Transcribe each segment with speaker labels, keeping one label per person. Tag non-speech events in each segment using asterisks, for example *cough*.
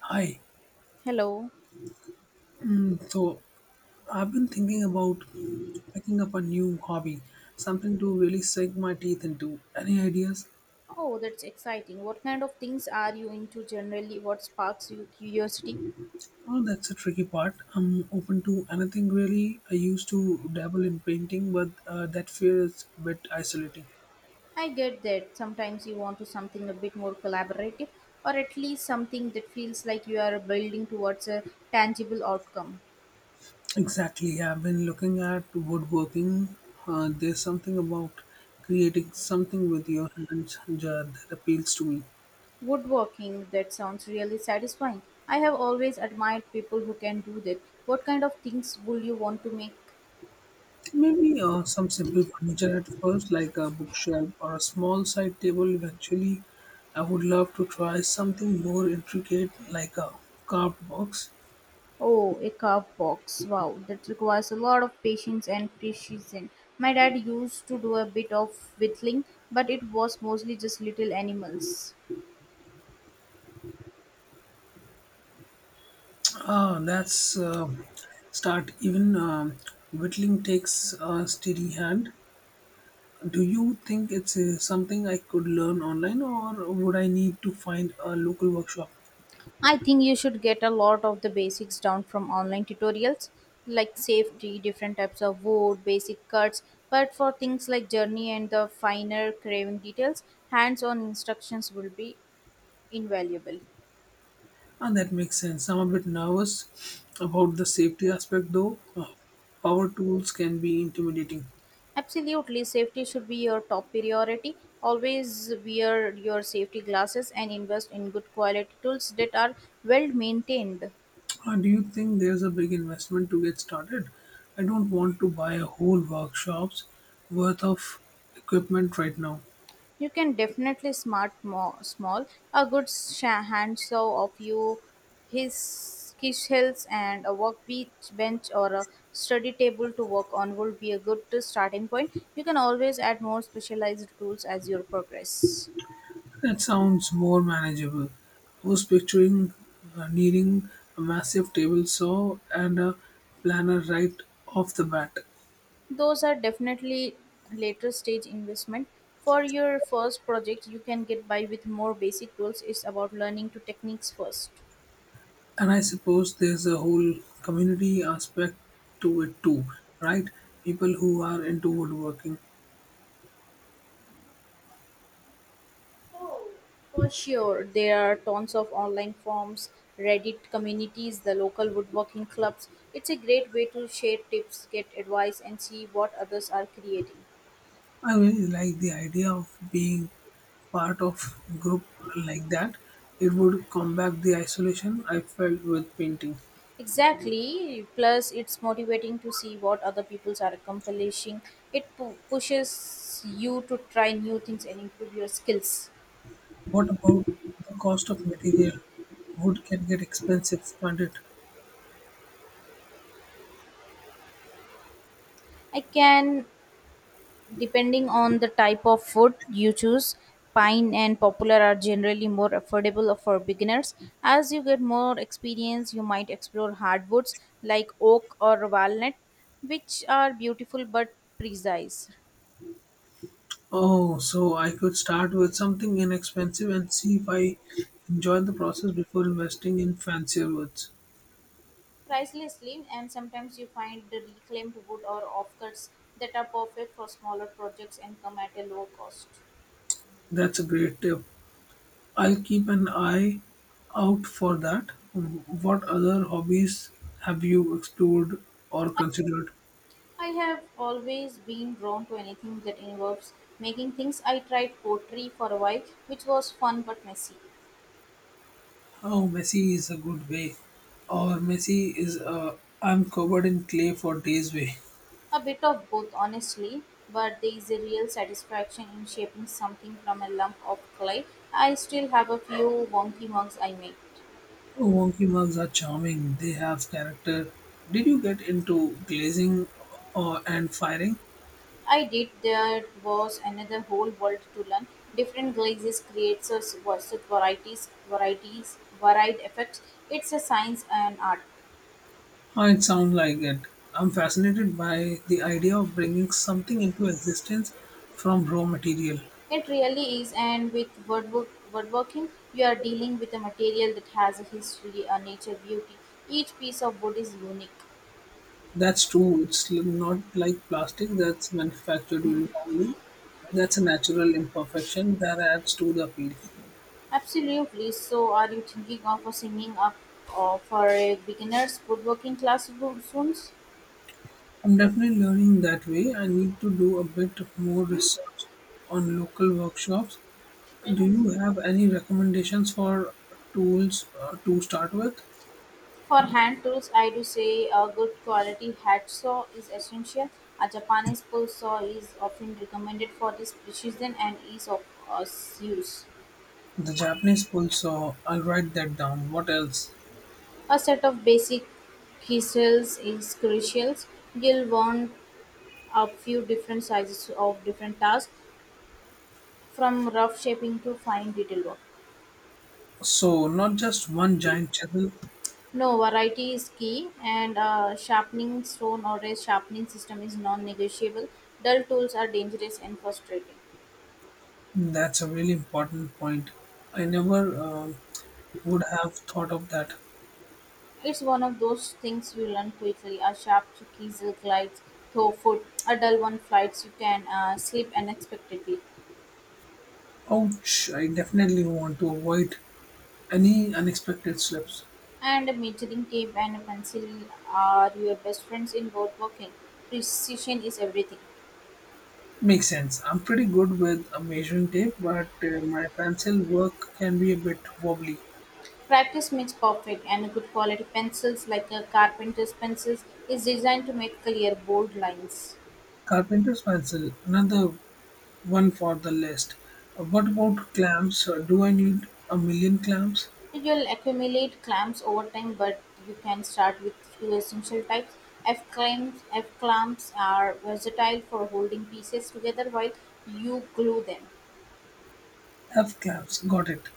Speaker 1: Hi.
Speaker 2: Hello.
Speaker 1: So I've been thinking about picking up a new hobby, something to really sink my teeth into. Any ideas?
Speaker 2: Oh, that's exciting. What kind of things are you into generally? What sparks your curiosity?
Speaker 1: Oh, that's a tricky part. I'm open to anything really. I used to dabble in painting, but that fear is a bit isolating.
Speaker 2: I get that sometimes you want to something a bit more collaborative or at least something that feels like you are building towards a tangible outcome.
Speaker 1: Exactly. I've been looking at woodworking. There's something about creating something with your hands that appeals to me.
Speaker 2: Woodworking, that sounds really satisfying. I have always admired people who can do that. What kind of things would you want to make?
Speaker 1: Maybe some simple furniture at first, like a bookshelf or a small side table. Eventually, I would love to try something more intricate, like a carved box.
Speaker 2: Oh, a carve box. Wow, that requires a lot of patience and precision. My dad used to do a bit of whittling, but it was mostly just little animals.
Speaker 1: Ah, that's start. Even whittling takes a steady hand. Do you think it's something I could learn online, or would I need to find a local workshop?
Speaker 2: I think you should get a lot of the basics down from online tutorials like safety, different types of wood, basic cuts, but for things like journey and the finer carving details, hands on instructions will be invaluable.
Speaker 1: And that makes sense. I'm a bit nervous about the safety aspect, though. Power tools can be intimidating.
Speaker 2: Absolutely, safety should be your top priority. Always wear your safety glasses and invest in good quality tools that are well maintained.
Speaker 1: Do you think there's a big investment to get started? I don't want to buy a whole workshop's worth of equipment right now.
Speaker 2: You can definitely small a good handsaw of you, his hills and a work beach bench or a study table to work on would be a good starting point. You can always add more specialized tools as you progress.
Speaker 1: That sounds more manageable. I was picturing needing a massive table saw and a planner right off the bat.
Speaker 2: Those are definitely later stage investment. For your first project, you can get by with more basic tools. It's about learning to techniques first.
Speaker 1: And I suppose there's a whole community aspect to it too, right? People who are into woodworking.
Speaker 2: For sure, there are tons of online forums, Reddit communities, the local woodworking clubs. It's a great way to share tips, get advice, and see what others are creating.
Speaker 1: I really like the idea of being part of group like that. It would combat the isolation I felt with painting.
Speaker 2: Exactly. Plus, it's motivating to see what other peoples are accomplishing. It pushes you to try new things and improve your skills.
Speaker 1: What about the cost of material? Wood can get expensive, can't it?
Speaker 2: I can, depending on the type of food you choose. Pine and popular are generally more affordable for beginners. As you get more experience, you might explore hardwoods like oak or walnut, which are beautiful but precise.
Speaker 1: Oh, so I could start with something inexpensive and see if I enjoy the process before investing in fancier woods.
Speaker 2: Pricelessly, and sometimes you find the reclaimed wood or offcuts that are perfect for smaller projects and come at a low cost.
Speaker 1: That's a great tip. I'll keep an eye out for that. What other hobbies have you explored or considered?
Speaker 2: I have always been drawn to anything that involves making things. I tried pottery for a while, which was fun but messy.
Speaker 1: Oh, Messi is a good way. Or Messi is a I'm covered in clay for days way.
Speaker 2: A bit of both, honestly, but there is a real satisfaction in shaping something from a lump of clay. I still have a few wonky mugs I made.
Speaker 1: Oh, wonky mugs are charming. They have character. Did you get into glazing or and firing?
Speaker 2: I did, there was another whole world to learn. Different glazes creates us various varieties, varied effects. It's a science and art.
Speaker 1: Oh, it sounds like it. I'm fascinated by the idea of bringing something into existence from raw material.
Speaker 2: It really is, and with woodworking, you are dealing with a material that has a history, a nature, beauty. Each piece of wood is unique.
Speaker 1: That's true. It's l- not like plastic that's manufactured uniformly. That's a natural imperfection that adds to the appeal.
Speaker 2: Absolutely. So, are you thinking of a singing up or for a beginner's woodworking class soon?
Speaker 1: I'm definitely learning that way. I need to do a bit more research on local workshops. Do you have any recommendations for tools to start with?
Speaker 2: For hand tools, I do say a good quality hatch saw is essential. A Japanese pull saw is often recommended for this precision and ease of use.
Speaker 1: The Japanese pull saw, I'll write that down. What else?
Speaker 2: A set of basic quills is crucial. You'll want a few different sizes of different tasks, from rough shaping to fine detail work.
Speaker 1: So, not just one giant chisel,
Speaker 2: No, variety is key, and a sharpening stone or a sharpening system is non negotiable. Dull tools are dangerous and frustrating.
Speaker 1: that's a really important point. I never would have thought of that.
Speaker 2: It's one of those things you learn quickly. A sharp chisel glides through foot, a dull one flies. You can slip unexpectedly.
Speaker 1: Ouch, I definitely want to avoid any unexpected slips.
Speaker 2: And a measuring tape and a pencil are your best friends in woodworking. Precision is everything.
Speaker 1: Makes sense. I'm pretty good with a measuring tape, but my pencil work can be a bit wobbly.
Speaker 2: Practice makes perfect, and good quality pencils like a carpenter's pencils is designed to make clear, bold lines.
Speaker 1: Carpenter's pencil, another one for the list. What about clamps? Do I need a million clamps?
Speaker 2: You'll accumulate clamps over time, but you can start with few essential types. F clamps are versatile for holding pieces together while you glue them.
Speaker 1: Have clamps, got it.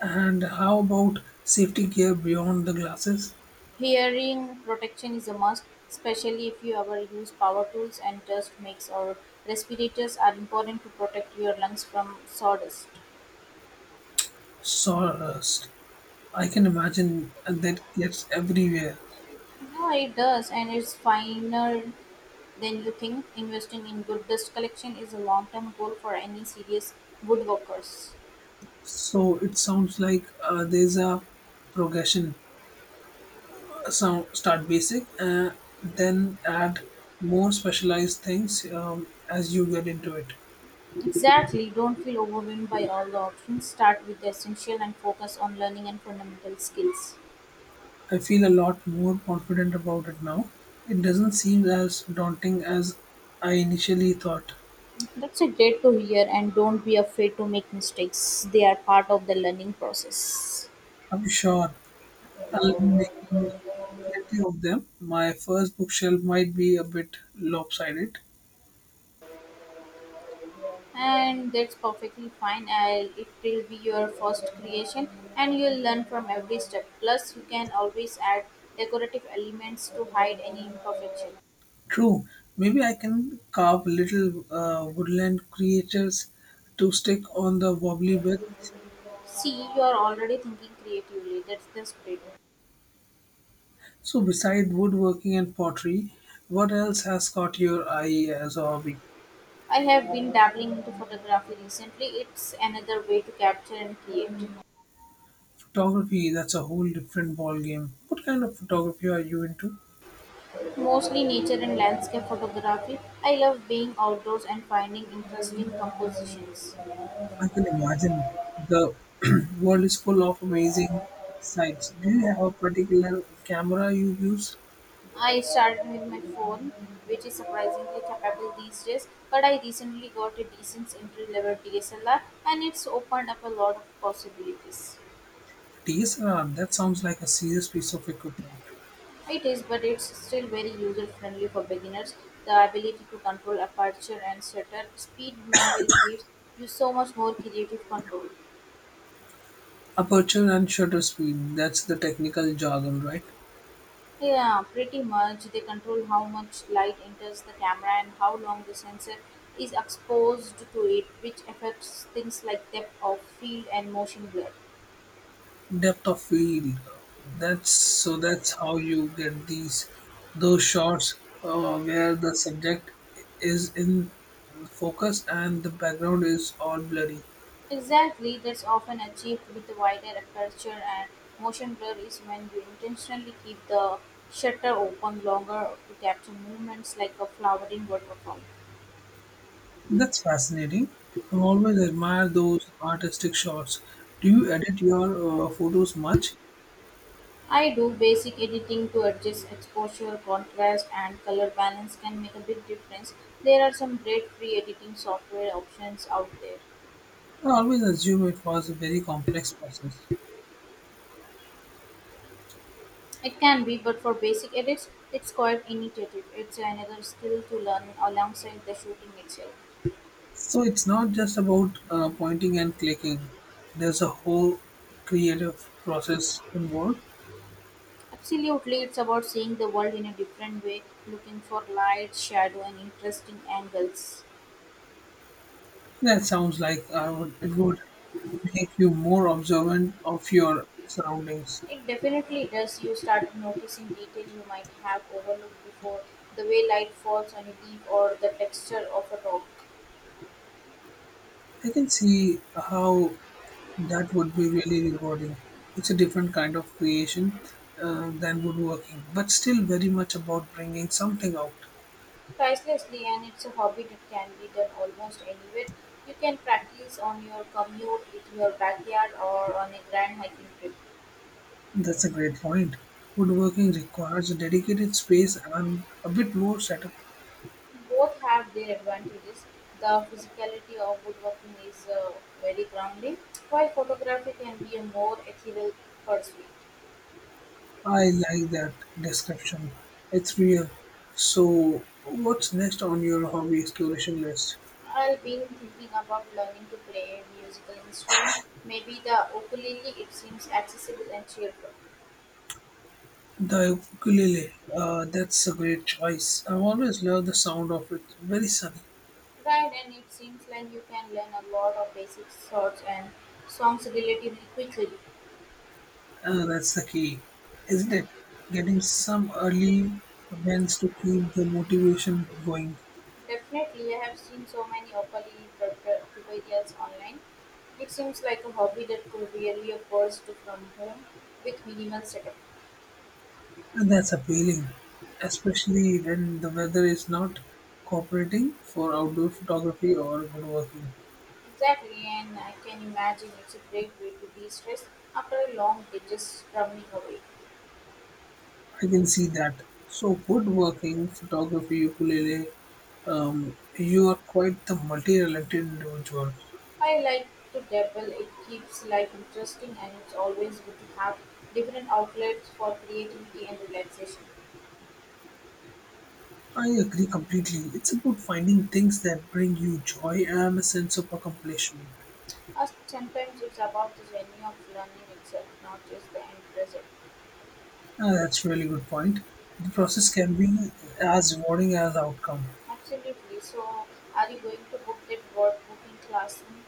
Speaker 1: And how about safety gear beyond the glasses?
Speaker 2: Hearing protection is a must, especially if you ever use power tools and dust makes or respirators are important to protect your lungs from sawdust.
Speaker 1: Sawdust. I can imagine that gets everywhere.
Speaker 2: Yeah, it does, and it's finer than you think. Investing in good dust collection is a long term goal for any serious woodworkers.
Speaker 1: So it sounds like there's a progression. So start basic, then add more specialized things, as you get into it.
Speaker 2: Exactly, don't feel overwhelmed by all the options. Start with the essential and focus on learning and fundamental skills.
Speaker 1: I feel a lot more confident about it now. It doesn't seem as daunting as I initially thought.
Speaker 2: That's a great to hear, and don't be afraid to make mistakes. They are part of the learning process.
Speaker 1: I'm sure I'll be making plenty of them. My first bookshelf might be a bit lopsided.
Speaker 2: And that's perfectly fine. It will be your first creation and you'll learn from every step. Plus, you can always add decorative elements to hide any imperfection.
Speaker 1: True. Maybe I can carve little woodland creatures to stick on the wobbly bed.
Speaker 2: See, you are already thinking creatively. That's the spirit.
Speaker 1: So, beside woodworking and pottery, what else has caught your eye as a hobby?
Speaker 2: I have been dabbling into photography recently. It's another way to capture and create.
Speaker 1: Photography, that's a whole different ball game. What kind of photography are you into?
Speaker 2: Mostly nature and landscape photography. I love being outdoors and finding interesting compositions.
Speaker 1: I can imagine the *clears throat* world is full of amazing sights. Do you have a particular camera you use?
Speaker 2: I started with my phone, which is surprisingly capable these days, but I recently got a decent entry level DSLR and it's opened up a lot of possibilities.
Speaker 1: A DSLR, that sounds like a serious piece of equipment.
Speaker 2: It is, but it's still very user friendly for beginners. The ability to control aperture and shutter speed manually gives you so much more creative control.
Speaker 1: Aperture and shutter speed, that's the technical jargon, right?
Speaker 2: Yeah, pretty much. They control how much light enters the camera and how long the sensor is exposed to it, which affects things like depth of field and motion blur.
Speaker 1: Depth of field. That's so that's how you get these those shots where the subject is in focus and the background is all blurry.
Speaker 2: Exactly, that's often achieved with a wider aperture, and motion blur is when you intentionally keep the shutter open longer to capture movements like a flowering waterfall.
Speaker 1: That's fascinating. I've always admired those artistic shots. Do you edit your photos much?
Speaker 2: I do basic editing to adjust exposure, contrast, and color balance can make a big difference. There are some great free editing software options out there.
Speaker 1: I always assume it was a very complex process.
Speaker 2: It can be, but for basic edits, it's quite initiative. It's another skill to learn alongside the shooting itself.
Speaker 1: So it's not just about pointing and clicking. There's a whole creative process involved.
Speaker 2: Absolutely, it's about seeing the world in a different way, looking for light, shadow, and interesting angles.
Speaker 1: That sounds like I would, it would make you more observant of your surroundings.
Speaker 2: It definitely does. You start noticing detail you might have overlooked before, the way light falls on a leaf or the texture of a rock.
Speaker 1: I can see how that would be really rewarding. It's a different kind of creation than woodworking, but still very much about bringing something out.
Speaker 2: Pricelessly, and it's a hobby that can be done almost anywhere. You can practice on your commute, in your backyard, or on a grand hiking trip.
Speaker 1: That's a great point. Woodworking requires a dedicated space and a bit more setup.
Speaker 2: Both have their advantages. The physicality of woodworking is very grounding, while photography can be a more ethereal pursuit.
Speaker 1: I like that description. It's real. So, what's next on your hobby exploration list?
Speaker 2: I've been thinking about learning to play a musical instrument, maybe the ukulele. It seems accessible and cheerful.
Speaker 1: The ukulele, that's a great choice. I've always loved the sound of it. Very sunny.
Speaker 2: Right, and it seems like you can learn a lot of basic chords and songs relatively quickly.
Speaker 1: That's the key, isn't it? Getting some early events to keep the motivation going.
Speaker 2: Definitely, I have seen so many tutorials online. It seems like a hobby that could really a to from home with minimal setup.
Speaker 1: And that's appealing, especially when the weather is not cooperating for outdoor photography or woodworking.
Speaker 2: Exactly, and I can imagine it's a great way to de-stress after a long day just drumming away.
Speaker 1: I can see that. So, woodworking, photography, ukulele, you are quite the multi talented individual.
Speaker 2: I like to dabble, it keeps life interesting and it's always good to have different outlets for creativity and relaxation.
Speaker 1: I agree completely. It's about finding things that bring you joy and a sense of accomplishment.
Speaker 2: Sometimes it's about the journey of learning itself, not just the end result.
Speaker 1: Ah, that's a really good point. The process can be as rewarding as outcome.
Speaker 2: Absolutely. So, are you going to book that workbooking class? Mm.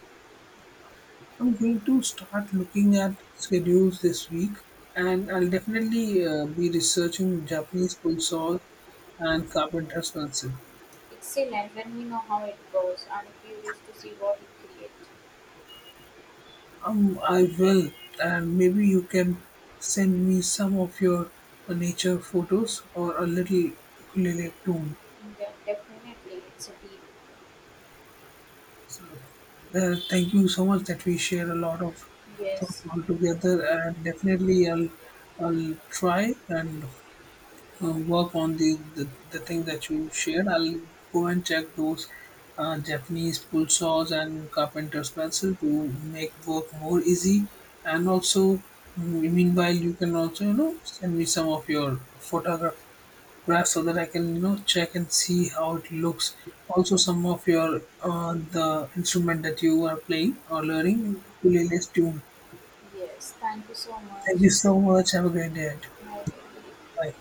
Speaker 1: I'm going to start looking at schedules this week, and I'll definitely be researching Japanese pulsars and carpenter pencil.
Speaker 2: Excellent. Let me know how it goes. I'm curious to see what you create.
Speaker 1: I will, and maybe you can send me some of your nature photos or a little ukulele tune.
Speaker 2: Yeah, definitely. It's a deal.
Speaker 1: So, thank you so much that we share a lot of thoughts
Speaker 2: Yes.
Speaker 1: all together, and definitely I'll try and work on the thing that you shared. I'll go and check those Japanese pull saws and carpenter's pencil to make work more easy, and
Speaker 2: Okay.
Speaker 1: also meanwhile you can also, you know, send me some of your photograph, right, so that I can, you know, check and see how it looks. Also some of your the instrument that you are playing or learning playlist tune.
Speaker 2: Yes. Thank you so much.
Speaker 1: Thank you so much. Have a great day.
Speaker 2: Have
Speaker 1: Bye.